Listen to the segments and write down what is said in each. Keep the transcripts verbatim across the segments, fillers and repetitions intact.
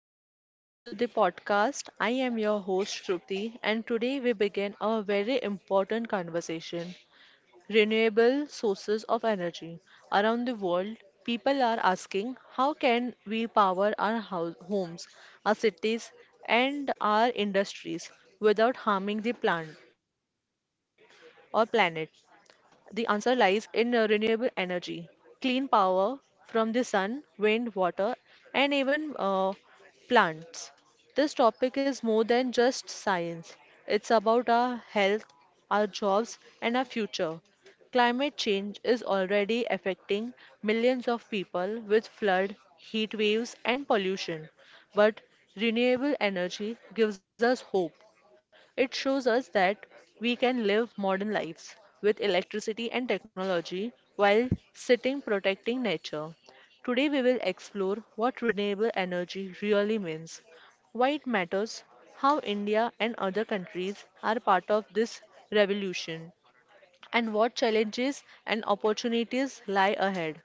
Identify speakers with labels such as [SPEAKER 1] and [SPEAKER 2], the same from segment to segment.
[SPEAKER 1] everyone to the podcast. I am your host Shruti and today we begin a very important conversation. Renewable sources of energy. Around the world, people are asking how can we power our house, homes, our cities and our industries without harming the plant or planet. The answer lies in uh, renewable energy, clean power from the sun, wind, water, and even uh, plants. This topic is more than just science, it's about our health, our jobs, and our future. Climate change is already affecting millions of people with flood, heat waves, and pollution. But renewable energy gives us hope. It shows us that we can live modern lives with electricity and technology while sitting protecting nature. Today, we will explore what renewable energy really means, why it matters, how India and other countries are part of this revolution, and what challenges and opportunities lie ahead.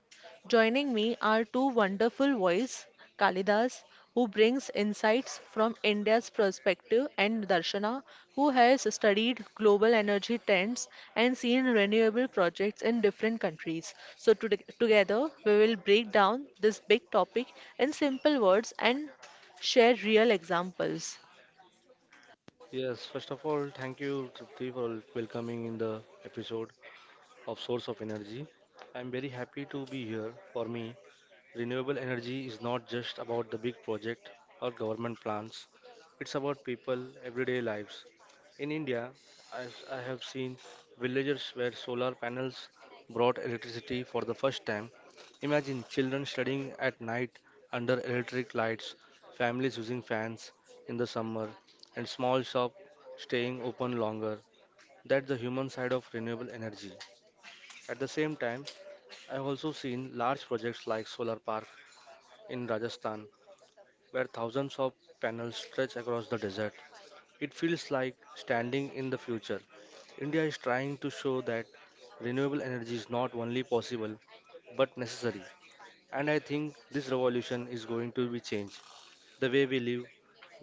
[SPEAKER 1] Joining me are two wonderful voices, Kalidas, who brings insights from India's perspective, and Darshana, who has studied global energy trends and seen renewable projects in different countries. So today, together we will break down this big topic in simple words and share real examples.
[SPEAKER 2] Yes, first of all, thank you, Tripti, for welcoming in the episode of Source of Energy. I'm very happy to be here. For me, renewable energy is not just about the big project or government plans. It's about people, everyday lives. In India, as I have seen, villagers where solar panels brought electricity for the first time. Imagine children studying at night under electric lights, families using fans in the summer, and small shop staying open longer. That's the human side of renewable energy. At the same time, I've also seen large projects like solar park in Rajasthan, where thousands of panels stretch across the desert. It feels like standing in the future. India is trying to show that renewable energy is not only possible but necessary. And I think this revolution is going to be changed the way we live,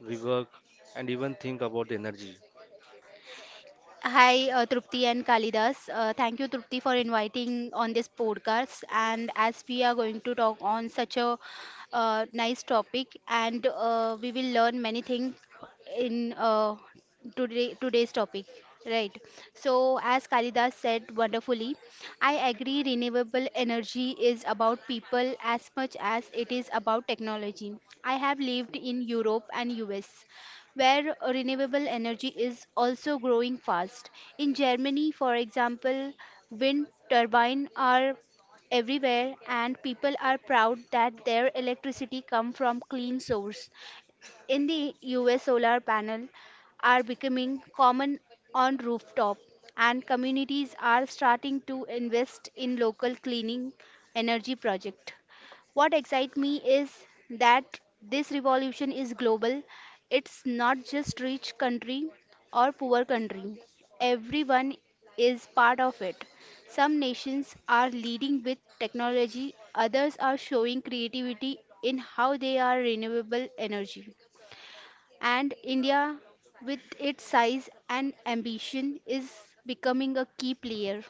[SPEAKER 2] we work, and even think about energy.
[SPEAKER 3] Hi, uh, Trupti and Kalidas. Uh, thank you, Trupti, for inviting on this podcast. And as we are going to talk on such a uh, nice topic, and uh, we will learn many things in uh, today today's topic. Right. So, as Kalidas said wonderfully, I agree. Renewable energy is about people as much as it is about technology. I have lived in Europe and U S where renewable energy is also growing fast. In Germany, for example, wind turbines are everywhere and people are proud that their electricity comes from clean source. In the U S, solar panels are becoming common on rooftop and communities are starting to invest in local cleaning energy project. What excites me is that this revolution is global. It's not just rich country or poor country. Everyone is part of it. Some nations are leading with technology, others are showing creativity in how they are renewable energy. And India, with its size and ambition, is becoming a key player.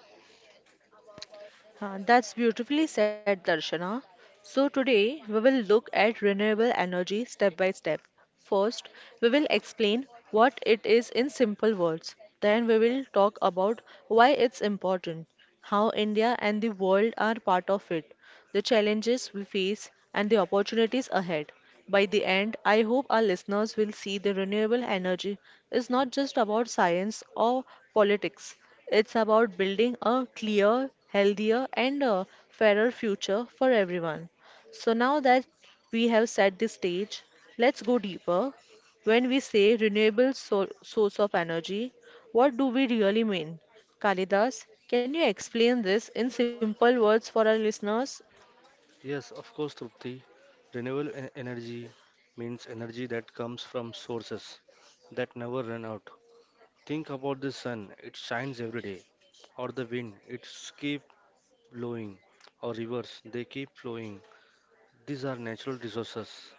[SPEAKER 1] Uh, that's beautifully said, Darshana. So, today we will look at renewable energy step by step. First, we will explain what it is in simple words. Then, we will talk about why it's important, how India and the world are part of it, the challenges we face, and the opportunities ahead. By the end, I hope our listeners will see the renewable energy is not just about science or politics. It's about building a clear, healthier, and a fairer future for everyone. So now that we have set the stage, let's go deeper. When we say renewable so- source of energy, what do we really mean? Kalidas, can you explain this in simple words for our listeners?
[SPEAKER 2] Yes, of course, Trupti. Renewable en- energy means energy that comes from sources that never run out. Think about the sun, it shines every day, or the wind, it keeps blowing, or rivers, they keep flowing. These are natural resources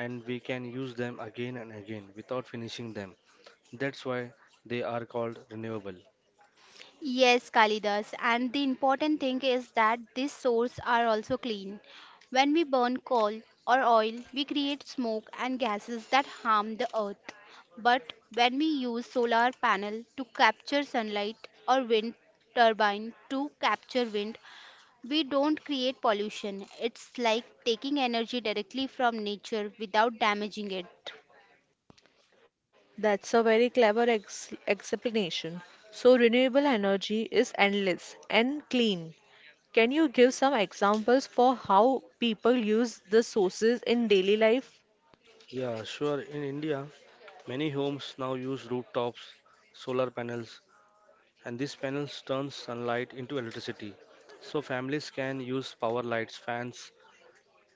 [SPEAKER 2] and we can use them again and again without finishing them. That's why they are called renewable.
[SPEAKER 3] Yes, Kalidas. And the important thing is that these sources are also clean. When we burn coal or oil, we create smoke and gases that harm the earth. But when we use solar panel to capture sunlight or wind turbine to capture wind, we don't create pollution. It's like taking energy directly from nature without damaging it.
[SPEAKER 1] That's a very clever ex explanation. So, renewable energy is endless and clean. Can you give some examples for how people use the sources in daily life?
[SPEAKER 2] Yeah, sure. In India, many homes now use rooftops, solar panels, and these panels turn sunlight into electricity. So families can use power lights, fans,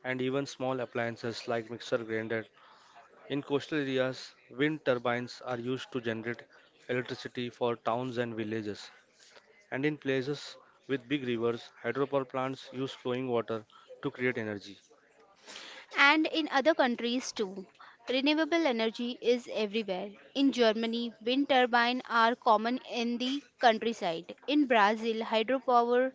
[SPEAKER 2] and even small appliances like mixer grinder. In coastal areas, wind turbines are used to generate electricity for towns and villages. And in places with big rivers, hydropower plants use flowing water to create energy.
[SPEAKER 3] And in other countries too, renewable energy is everywhere. In Germany, wind turbines are common in the countryside. In Brazil, hydropower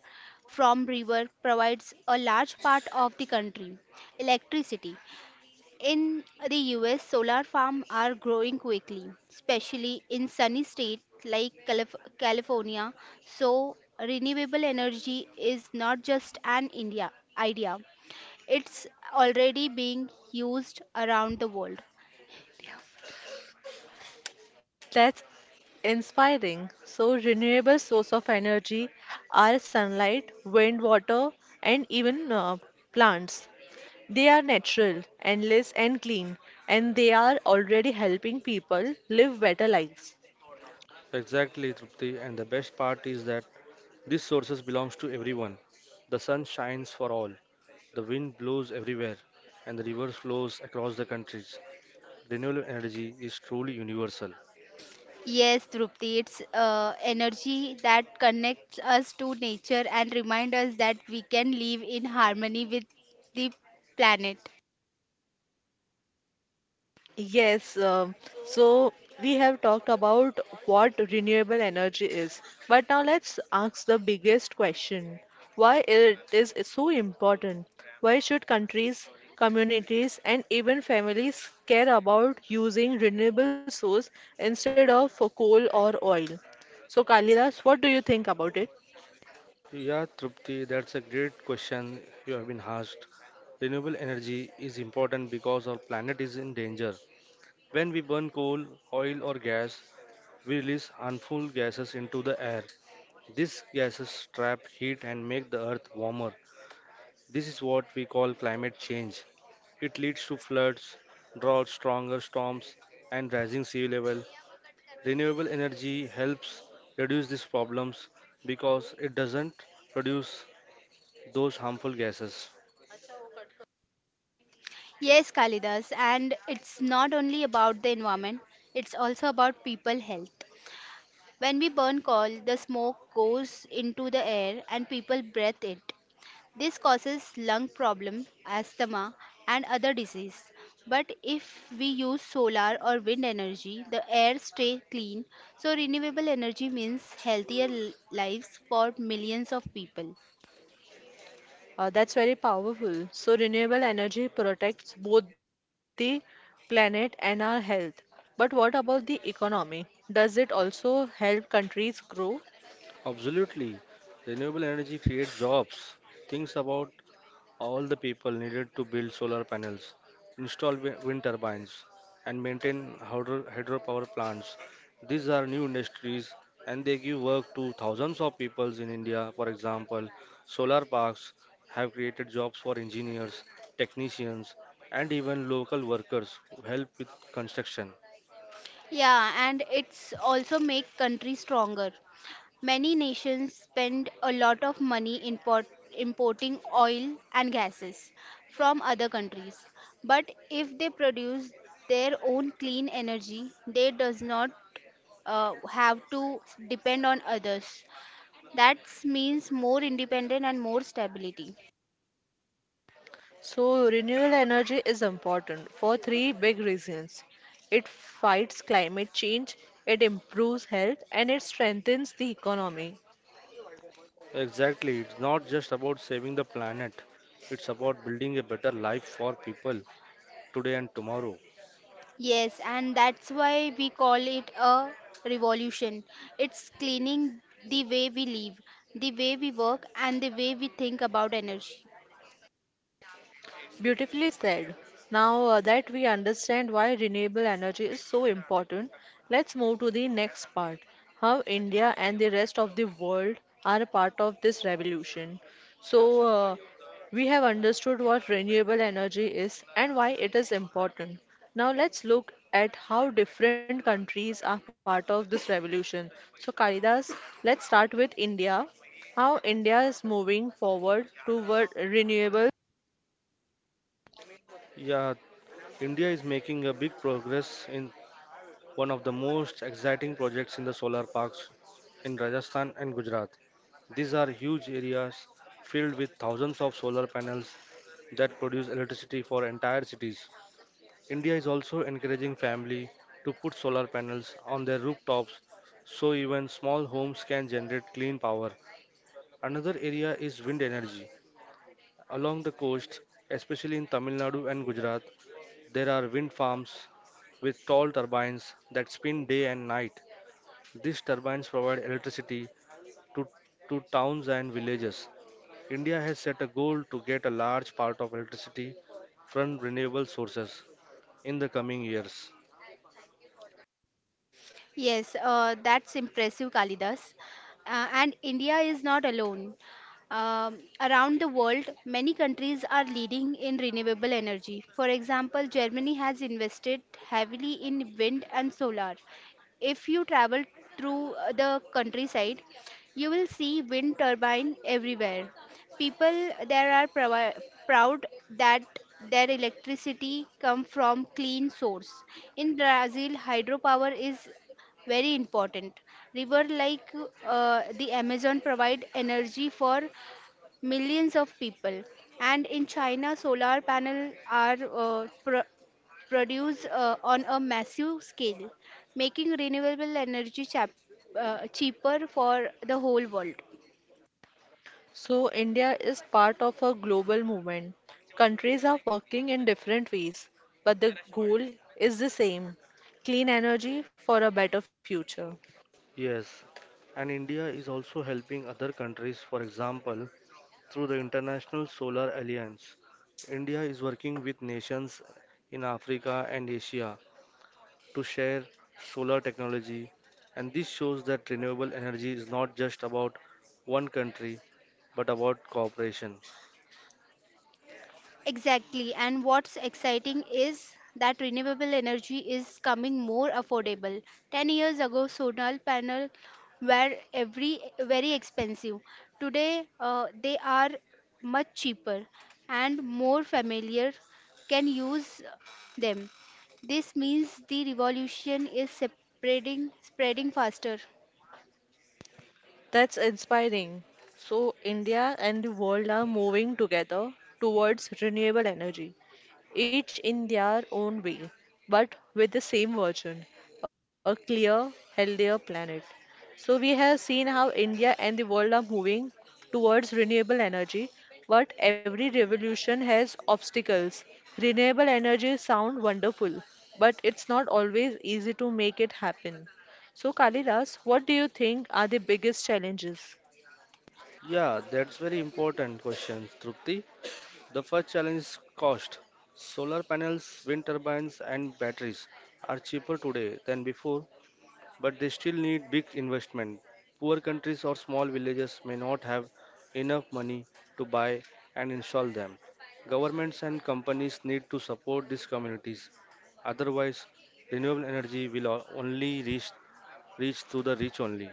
[SPEAKER 3] from river provides a large part of the country electricity. In the U S, solar farms are growing quickly, especially in sunny states like Calif- California. So, renewable energy is not just an India idea, it's already being used around the world.
[SPEAKER 1] That's inspiring. So, renewable source of energy are sunlight, wind, water, and even uh, plants. They are natural, endless, and clean, and they are already helping people live better lives.
[SPEAKER 2] Exactly, Trupti. And the best part is that these sources belongs to everyone. The sun shines for all, the wind blows everywhere, and the river flows across the countries. Renewable energy is truly universal.
[SPEAKER 3] Yes, Drupti, it's uh, energy that connects us to nature and reminds us that we can live in harmony with the planet.
[SPEAKER 1] Yes, um, so we have talked about what renewable energy is, but now let's ask the biggest question. Why it is so important? Why should countries, communities, and even families care about using renewable source instead of for coal or oil? So, Kalidas, what do you think about it?
[SPEAKER 2] Yeah, Trupti, that's a great question you have been asked. Renewable energy is important because our planet is in danger. When we burn coal, oil, or gas, we release harmful gases into the air. These gases trap heat and make the earth warmer. This is what we call climate change. It leads to floods, droughts, stronger storms, and rising sea level. Renewable energy helps reduce these problems because it doesn't produce those harmful gases.
[SPEAKER 3] Yes, Kalidas, and it's not only about the environment, it's also about people health. When we burn coal, the smoke goes into the air and people breathe it. This causes lung problem, asthma and other disease. But if we use solar or wind energy, the air stay clean. So renewable energy means healthier l- lives for millions of people.
[SPEAKER 1] Uh, that's very powerful. So, renewable energy protects both the planet and our health. But what about the economy? Does it also help countries grow?
[SPEAKER 2] Absolutely, renewable energy creates jobs. Think about all the people needed to build solar panels, install wi- wind turbines, and maintain hydro- hydropower plants. These are new industries and they give work to thousands of people in India. For example, solar parks have created jobs for engineers, technicians, and even local workers who help with construction.
[SPEAKER 3] Yeah, and it's also make country stronger. Many nations spend a lot of money import, importing oil and gases from other countries. But if they produce their own clean energy, they does not uh, have to depend on others. That means more independent and more stability.
[SPEAKER 1] So, renewable energy is important for three big reasons it fights climate change, it improves health, and it strengthens the economy.
[SPEAKER 2] Exactly, it's not just about saving the planet, it's about building a better life for people today and tomorrow.
[SPEAKER 3] Yes, and that's why we call it a revolution. It's cleaning the way we live, the way we work, and the way we think about energy.
[SPEAKER 1] Beautifully said. Now uh, that we understand why renewable energy is so important, let's move to the next part how India and the rest of the world are a part of this revolution. So, uh, we have understood what renewable energy is and why it is important. Now, let's look at how different countries are part of this revolution. So, Kalidas, let's start with India. How India is moving forward toward renewable
[SPEAKER 2] Yeah, India is making a big progress in one of the most exciting projects in the solar parks in Rajasthan and Gujarat. These are huge areas filled with thousands of solar panels that produce electricity for entire cities. India is also encouraging family to put solar panels on their rooftops so even small homes can generate clean power. Another area is wind energy. Along the coast, especially in Tamil Nadu and Gujarat, there are wind farms with tall turbines that spin day and night. These turbines provide electricity to, to towns and villages. India has set a goal to get a large part of electricity from renewable sources in the coming years.
[SPEAKER 3] Yes, uh, that's impressive, Kalidas. Uh, and India is not alone. Um, around the world, many countries are leading in renewable energy. For example, Germany has invested heavily in wind and solar. If you travel through uh, the countryside, you will see wind turbine everywhere. People there are provi- proud that their electricity come from clean source. In Brazil, hydropower is very important river like uh, the amazon provide energy for millions of people and in china solar panel are uh, pro- produced uh, on a massive scale making renewable energy chap- uh, cheaper for the whole world.
[SPEAKER 1] So, India is part of a global movement. Countries are working in different ways, but the goal is the same clean energy for a better future.
[SPEAKER 2] Yes, and India is also helping other countries, for example, through the International Solar Alliance. India is working with nations in Africa and Asia to share solar technology. And this shows that renewable energy is not just about one country but about cooperation.
[SPEAKER 3] Exactly. And what's exciting is that renewable energy is coming more affordable. ten years ago, solar panels were every very expensive. Today, uh, they are much cheaper and more familiar can use them. This means the revolution is spreading spreading faster.
[SPEAKER 1] That's inspiring. So, India and the world are moving together towards renewable energy, each in their own way, but with the same version a clear, healthier planet. So, we have seen how India and the world are moving towards renewable energy, but every revolution has obstacles. Renewable energy sound wonderful, but it's not always easy to make it happen. So, Kalidas, what do you think are the biggest challenges?
[SPEAKER 2] Yeah, that's very important question, Trupti. The first challenge is cost. Solar panels, wind turbines, and batteries are cheaper today than before, but they still need big investment. Poor countries or small villages may not have enough money to buy and install them. Governments and companies need to support these communities. Otherwise, renewable energy will o- only reach reach to the rich only.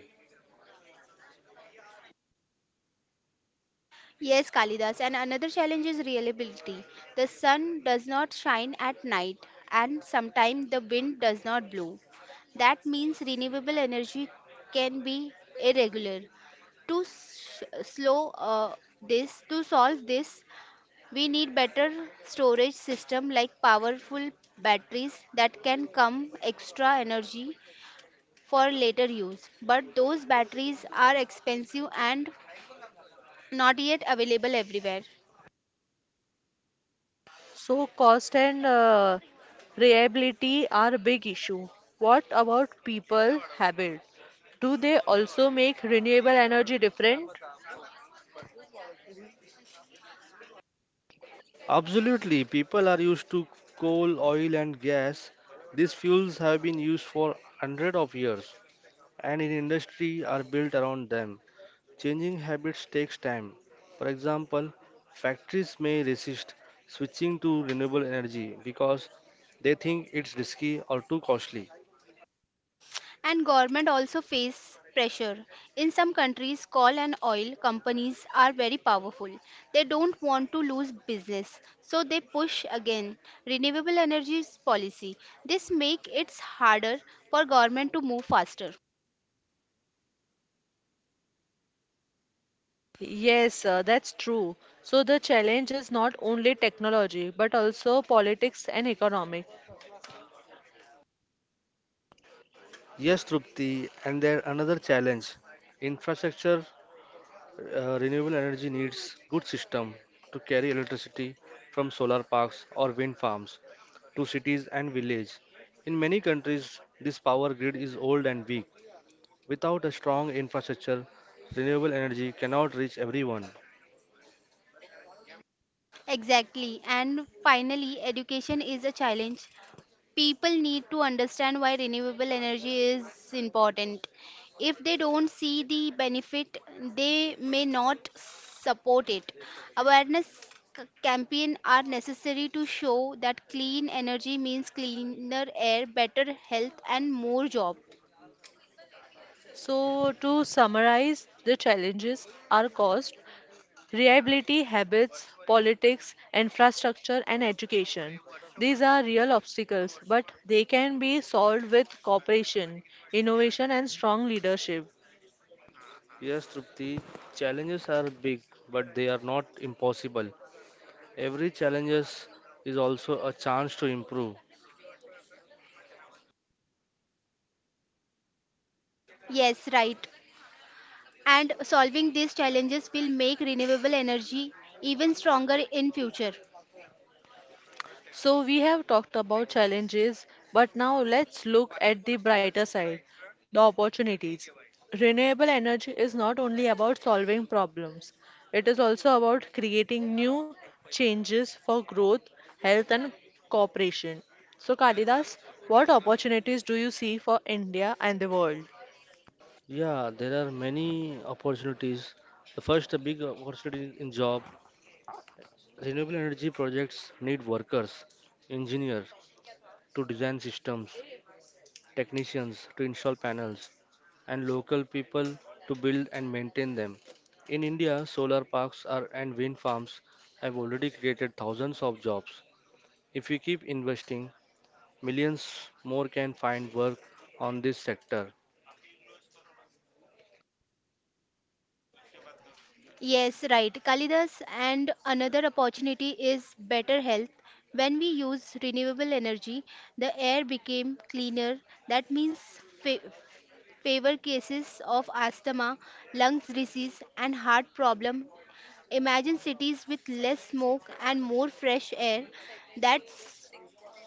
[SPEAKER 3] Yes, Kalidas, and another challenge is reliability. The sun does not shine at night, and sometimes the wind does not blow. That means renewable energy can be irregular. To s- slow uh, this, to solve this, we need better storage system like powerful batteries that can come extra energy for later use. But those batteries are expensive and not yet available everywhere.
[SPEAKER 1] So, cost and uh, reliability are a big issue. What about people habit? Do they also make renewable energy different?
[SPEAKER 2] Absolutely, people are used to coal, oil, and gas. These fuels have been used for hundreds of years, and in industry are built around them. Changing habits takes time. For example, factories may resist switching to renewable energy because they think it's risky or too costly.
[SPEAKER 3] And government also face pressure in some countries coal and oil companies are very powerful. They don't want to lose business, so they push again renewable energies policy. This make it harder for government to move faster.
[SPEAKER 1] Yes, uh, that's true. So the challenge is not only technology, but also politics and economic.
[SPEAKER 2] Yes, Trupti, and there another challenge. Infrastructure, uh, renewable energy needs good system to carry electricity from solar parks or wind farms to cities and villages. In many countries, this power grid is old and weak. Without a strong infrastructure, renewable energy cannot reach everyone.
[SPEAKER 3] Exactly. And finally education is a challenge. People need to understand why renewable energy is important. If they don't see the benefit, they may not support it. Awareness c- campaign are necessary to show that clean energy means cleaner air, better health and more job.
[SPEAKER 1] So to summarize, the challenges are cost. Reliability, habits, politics, infrastructure, and education. These are real obstacles, but they can be solved with cooperation, innovation, and strong leadership.
[SPEAKER 2] Yes, Trupti, challenges are big, but they are not impossible. Every challenges is also a chance to improve.
[SPEAKER 3] Yes, right. And solving these challenges will make renewable energy even stronger in future.
[SPEAKER 1] So we have talked about challenges, but now let's look at the brighter side, the opportunities. Renewable energy is not only about solving problems, it is also about creating new changes for growth, health and cooperation. So Kalidas, what opportunities do you see for India and the world?
[SPEAKER 2] Yeah, there are many opportunities. The first big opportunity in job, renewable energy projects need workers, engineers to design systems, technicians to install panels, and local people to build and maintain them. In India, solar parks are, and wind farms have already created thousands of jobs. If we keep investing, millions more can find work on this sector.
[SPEAKER 3] Yes, right. Kalidas, and another opportunity is better health. When we use renewable energy, the air became cleaner. That means fa- favor cases of asthma, lungs disease, and heart problem. Imagine cities with less smoke and more fresh air. That's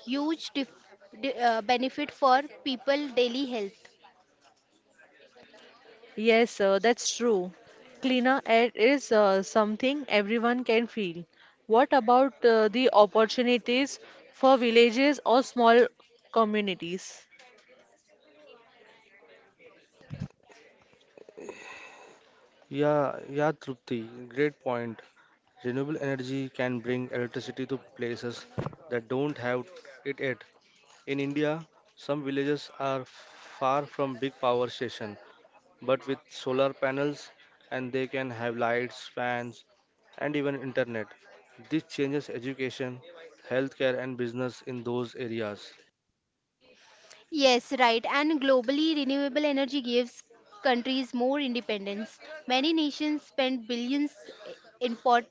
[SPEAKER 3] huge dif- di- uh, benefit for people daily health.
[SPEAKER 1] Yes, uh, that's true. Cleaner air is uh, something everyone can feel. What about uh, the opportunities for villages or small communities?
[SPEAKER 2] Yeah, yeah, Trupti, great point. Renewable energy can bring electricity to places that don't have it yet. In India, some villages are far from big power station, but with solar panels and they can have lights, fans, and even internet. This changes education, healthcare, and business in those areas.
[SPEAKER 3] Yes, right. And globally, renewable energy gives countries more independence. Many nations spend billions import,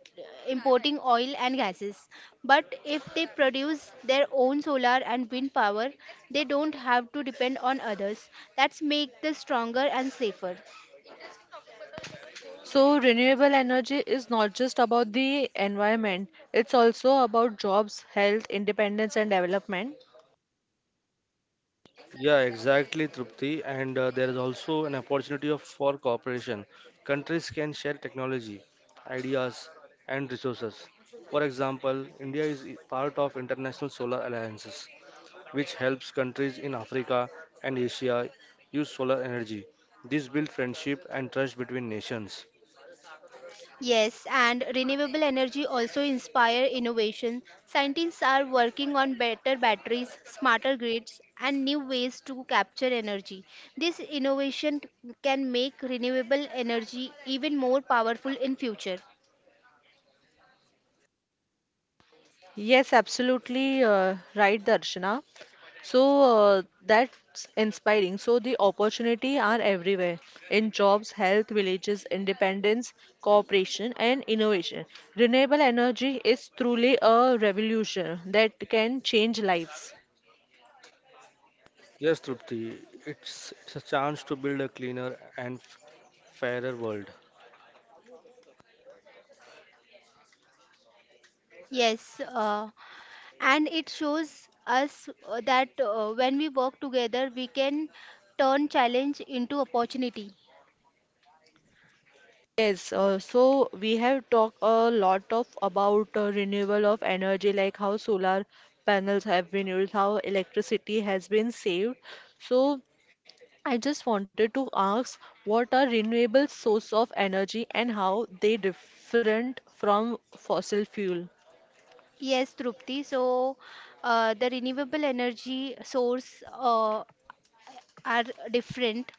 [SPEAKER 3] importing oil and gases. But if they produce their own solar and wind power, they don't have to depend on others. That's make them stronger and safer.
[SPEAKER 1] So, renewable energy is not just about the environment, it's also about jobs, health, independence, and development.
[SPEAKER 2] Yeah, exactly, Trupti. And uh, there is also an opportunity of, for cooperation. Countries can share technology, ideas, and resources. For example, India is i- part of international solar alliances, which helps countries in Africa and Asia use solar energy. This builds friendship and trust between nations.
[SPEAKER 3] Yes, and renewable energy also inspire innovation. Scientists are working on better batteries, smarter grids, and new ways to capture energy. This innovation can make renewable energy even more powerful in future.
[SPEAKER 1] Yes, absolutely uh, right, Darshana. So uh, that's inspiring. So the opportunity are everywhere in jobs, health, villages, independence, cooperation, and innovation. Renewable energy is truly a revolution that can change lives.
[SPEAKER 2] Yes, Trupti, it's, it's a chance to build a cleaner and f- fairer world.
[SPEAKER 3] Yes, uh, and it shows us uh, that uh, when we work together, we can turn challenge into opportunity.
[SPEAKER 1] Yes, uh, so we have talked a lot of about uh, renewal of energy, like how solar panels have been used, how electricity has been saved. So I just wanted to ask what are renewable source of energy and how they different from fossil fuel?
[SPEAKER 3] Yes, Trupti. So, uh, the renewable energy source. Uh, are different.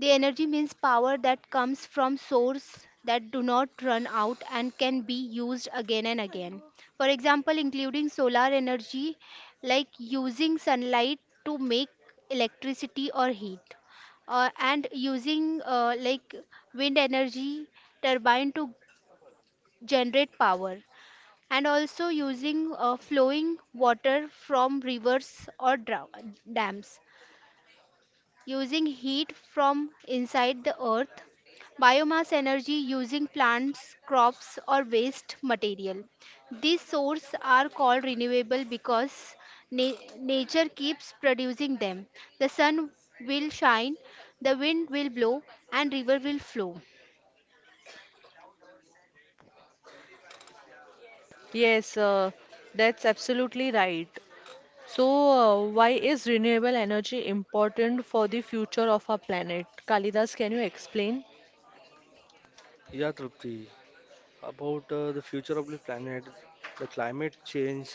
[SPEAKER 3] The energy means power that comes from source that do not run out and can be used again and again. For example, including solar energy, like using sunlight to make electricity or heat, uh, and using uh, like wind energy turbine to generate power, and also using uh, flowing water from rivers or dra- dams. Using heat from inside the earth, biomass energy using plants, crops, or waste material. These sources are called renewable because na- nature keeps producing them. The sun will shine, the wind will blow, and river will flow.
[SPEAKER 1] Yes, uh, that's absolutely right. So, uh, why is renewable energy important for the future of our planet? Kalidas, can you explain?
[SPEAKER 2] Yeah, Trupti. About uh, the future of the planet, the climate change,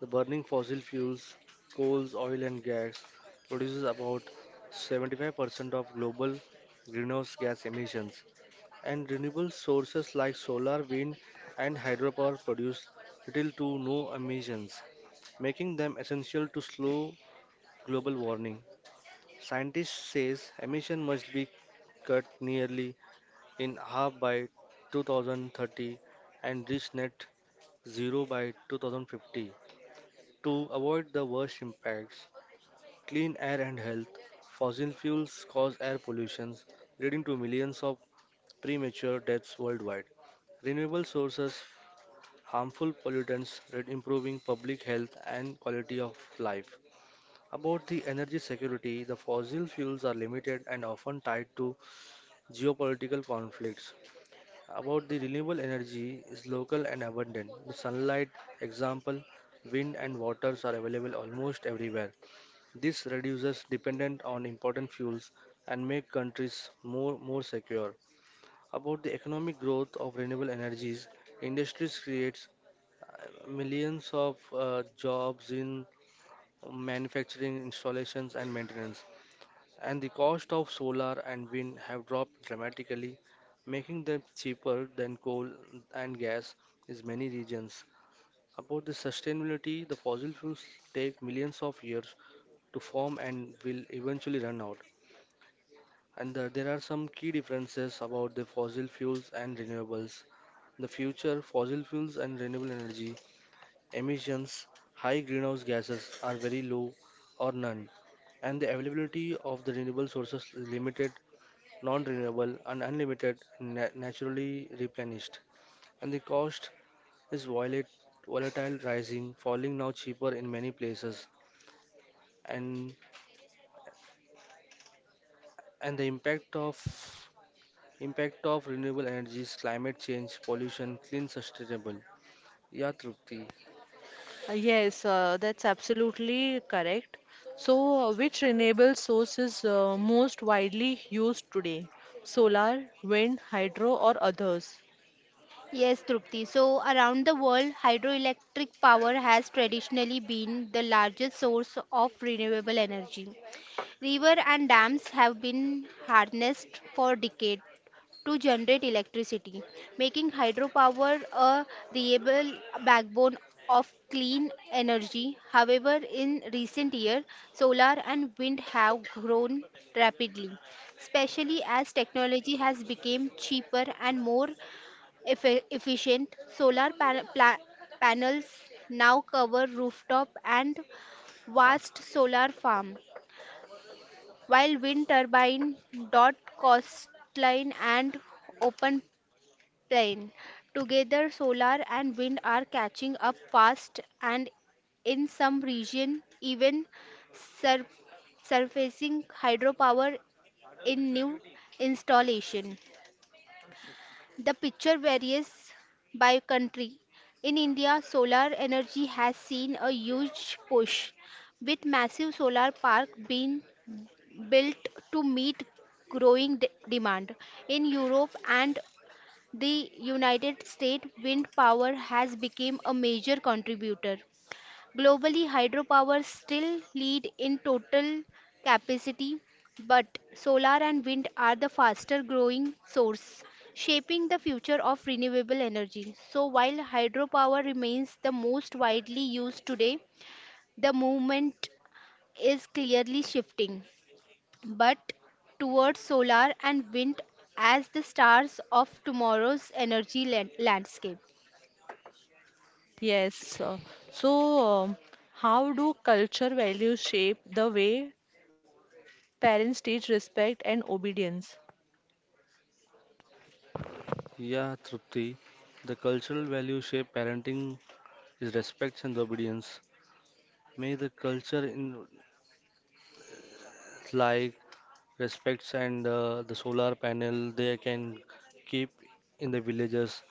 [SPEAKER 2] the burning fossil fuels, coals, oil, and gas produces about seventy-five percent of global greenhouse gas emissions, and renewable sources like solar, wind, and hydropower produce little to no emissions, making them essential to slow global warming. Scientists says emission must be cut nearly in half by two thousand thirty and reach net zero by two thousand fifty to avoid the worst impacts. Clean air and health. Fossil fuels cause air pollution, leading to millions of premature deaths worldwide. Renewable sources, harmful pollutants, re- improving public health and quality of life. About the energy security, the fossil fuels are limited and often tied to geopolitical conflicts, about the renewable energy is local and abundant. The sunlight, example, wind and waters are available almost everywhere. This reduces dependent on important fuels and make countries more more secure. About the economic growth of renewable energies, industries creates uh, millions of uh, jobs in manufacturing, installations and maintenance and the cost of solar and wind have dropped dramatically, making them cheaper than coal and gas in many regions. About the sustainability, the fossil fuels take millions of years to form and will eventually run out. And the- there are some key differences about the fossil fuels and renewables. The future fossil fuels and renewable energy emissions, high greenhouse gases are very low or none, and the availability of the renewable sources is limited non-renewable, and unlimited, na- naturally replenished. And the cost is violet, volatile, rising, falling now cheaper in many places. And and the impact of impact of renewable energies, climate change, pollution, clean, sustainable. Yeah, Trupti.
[SPEAKER 1] Uh, Yes, uh, that's absolutely correct. So, uh, which renewable source is uh, most widely used today? Solar, wind, hydro, or others?
[SPEAKER 3] Yes, Trupti. So, around the world, hydroelectric power has traditionally been the largest source of renewable energy. Rivers and dams have been harnessed for decades to generate electricity, making hydropower a reliable backbone of clean energy. However, in recent years, solar and wind have grown rapidly, especially as technology has become cheaper and more effi- efficient. Solar pa- pla- panels now cover rooftop and vast solar farm, while wind turbine dot coastline and open plain. Together solar and wind are catching up fast, and in some region even sur- surfacing hydropower in new installation. The picture varies by country. In india solar energy has seen a huge push with massive solar park being built to meet growing de- demand. In Europe and the United States, wind power has become a major contributor. Globally, hydropower still lead in total capacity, but solar and wind are the faster growing source, shaping the future of renewable energy. So while hydropower remains the most widely used today, the movement is clearly shifting but towards solar and wind as the stars of tomorrow's energy lan- landscape.
[SPEAKER 1] Yes. uh, So, um, how do culture values shape the way parents teach respect and obedience?
[SPEAKER 2] Yeah, Trupti. The cultural value shape parenting is respect and obedience. May the culture in like respects and uh, the solar panel they can keep in the villages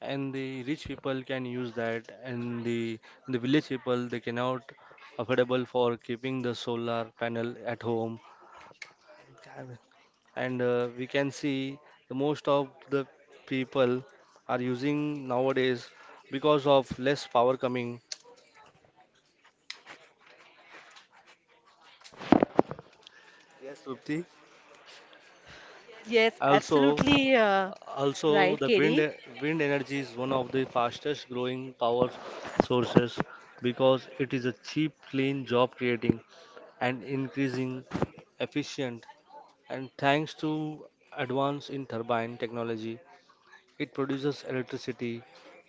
[SPEAKER 2] and the rich people can use that and the the village people they cannot affordable for keeping the solar panel at home and uh, we can see the most of the people are using nowadays because of less power coming, yes, Supti.
[SPEAKER 1] Yes,
[SPEAKER 2] Also,
[SPEAKER 1] absolutely uh,
[SPEAKER 2] also,
[SPEAKER 1] right,
[SPEAKER 2] the wind
[SPEAKER 1] Katie.
[SPEAKER 2] wind energy is one of the fastest growing power sources because it is a cheap, clean job creating and increasing efficient. And thanks to advance in turbine technology, it produces electricity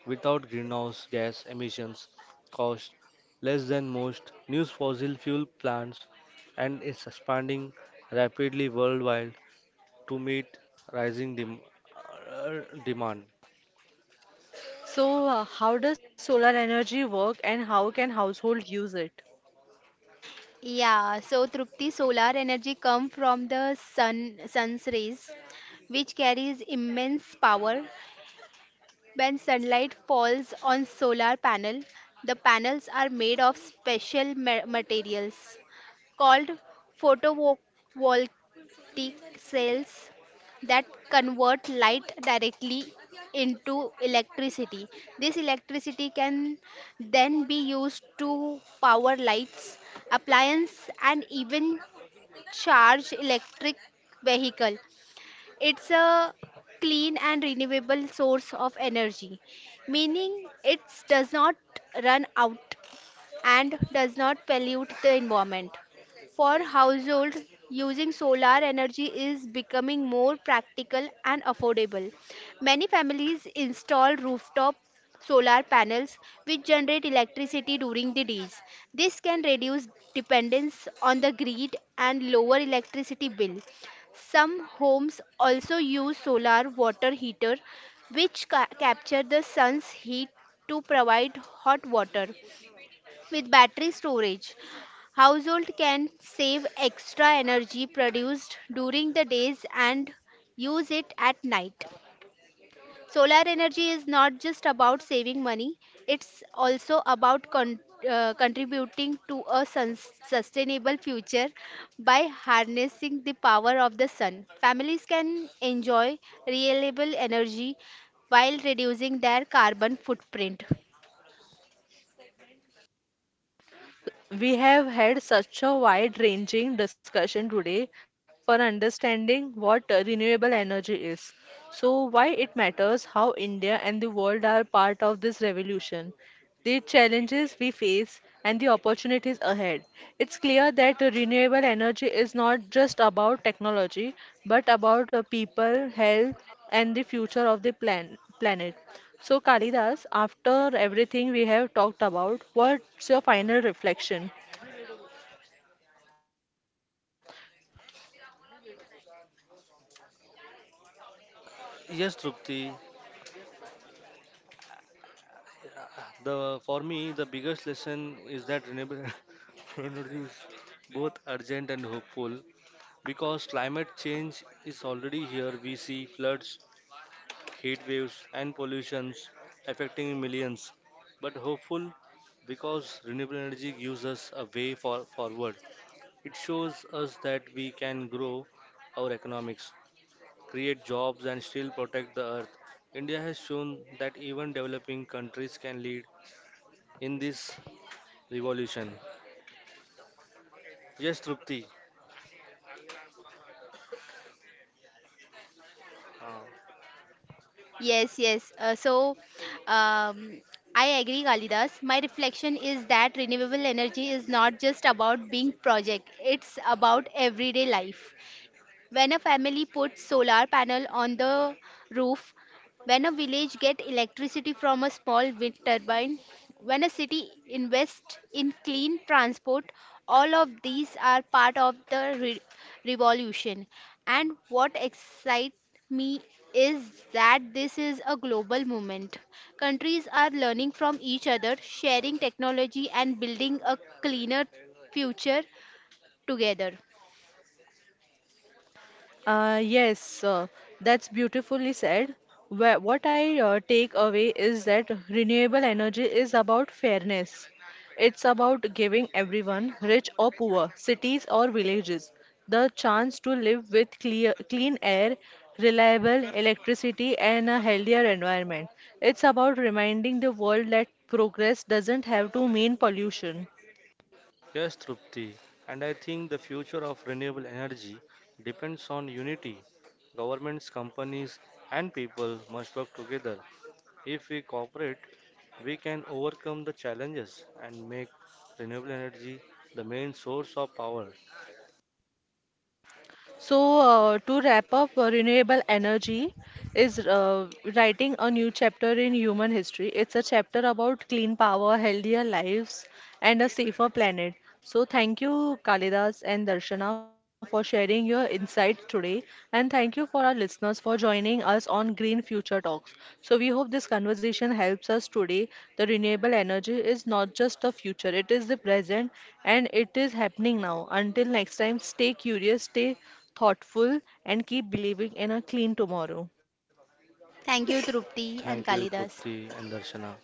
[SPEAKER 2] without greenhouse gas emissions, cost less than most new fossil fuel plants, and is expanding rapidly worldwide to meet rising dem- uh, demand.
[SPEAKER 1] So, uh, how does solar energy work and how can household use it?
[SPEAKER 3] Yeah, so Trupti, solar energy come from the sun sun's rays, which carries immense power. When sunlight falls on solar panel, the panels are made of special ma- materials called photovoltaic peak cells that convert light directly into electricity. This electricity can then be used to power lights, appliances, and even charge electric vehicle. It's a clean and renewable source of energy, meaning it does not run out and does not pollute the environment. For households, using solar energy is becoming more practical and affordable. Many families install rooftop solar panels which generate electricity during the days. This can reduce dependence on the grid and lower electricity bill. Some homes also use solar water heater which ca- capture the sun's heat to provide hot water. With battery storage, household can save extra energy produced during the days and use it at night. Solar energy is not just about saving money, it's also about con- uh, contributing to a sun- sustainable future by harnessing the power of the sun. Families can enjoy reliable energy while reducing their carbon footprint.
[SPEAKER 1] We have had such a wide-ranging discussion today for understanding what uh, renewable energy is. So, why it matters, how India and the world are part of this revolution, the challenges we face, and the opportunities ahead. It's clear that renewable energy is not just about technology, but about uh, people, health, and the future of the plan- planet. So, Kalidas, after everything we have talked about, what's your final reflection?
[SPEAKER 2] Yes, Trupti. The for me the biggest lesson is that renewable energy is both urgent and hopeful because climate change is already here. We see floods, heat waves, and pollutions affecting millions. But hopeful because renewable energy gives us a way for forward. It shows us that we can grow our economics, create jobs, and still protect the earth. India has shown that even developing countries can lead in this revolution. Yes, Trupti. Uh,
[SPEAKER 3] Yes, yes. Uh, so, um, I agree, Kalidas. My reflection is that renewable energy is not just about being project, it's about everyday life when a family puts solar panel on the roof, when a village get electricity from a small wind turbine, when a city invests in clean transport, all of these are part of the re- revolution. And what excites me is that this is a global movement. Countries are learning from each other, sharing technology and building a cleaner future together.
[SPEAKER 1] Uh, yes, uh, that's beautifully said. Wha- What I uh, take away is that renewable energy is about fairness. It's about giving everyone, rich or poor, cities or villages, the chance to live with clear, clean air, reliable electricity, and a healthier environment. It's about reminding the world that progress doesn't have to mean pollution.
[SPEAKER 2] yes, Trupti. And I think the future of renewable energy depends on unity. Governments, companies, and people must work together. If we cooperate, we can overcome the challenges and make renewable energy the main source of power.
[SPEAKER 1] So, uh, to wrap up, uh, renewable energy is uh, writing a new chapter in human history. It's a chapter about clean power, healthier lives, and a safer planet. So, thank you, Kalidas and Darshana, for sharing your insights today. And thank you for our listeners for joining us on Green Future Talks. So, we hope this conversation helps us today. The renewable energy is not just the future, it is the present and it is happening now. Until next time, stay curious, stay thoughtful, and keep believing in a clean tomorrow.
[SPEAKER 3] Thank you, Trupti and
[SPEAKER 2] Thank you,
[SPEAKER 3] Kalidas.
[SPEAKER 2] Trupti and Darshana.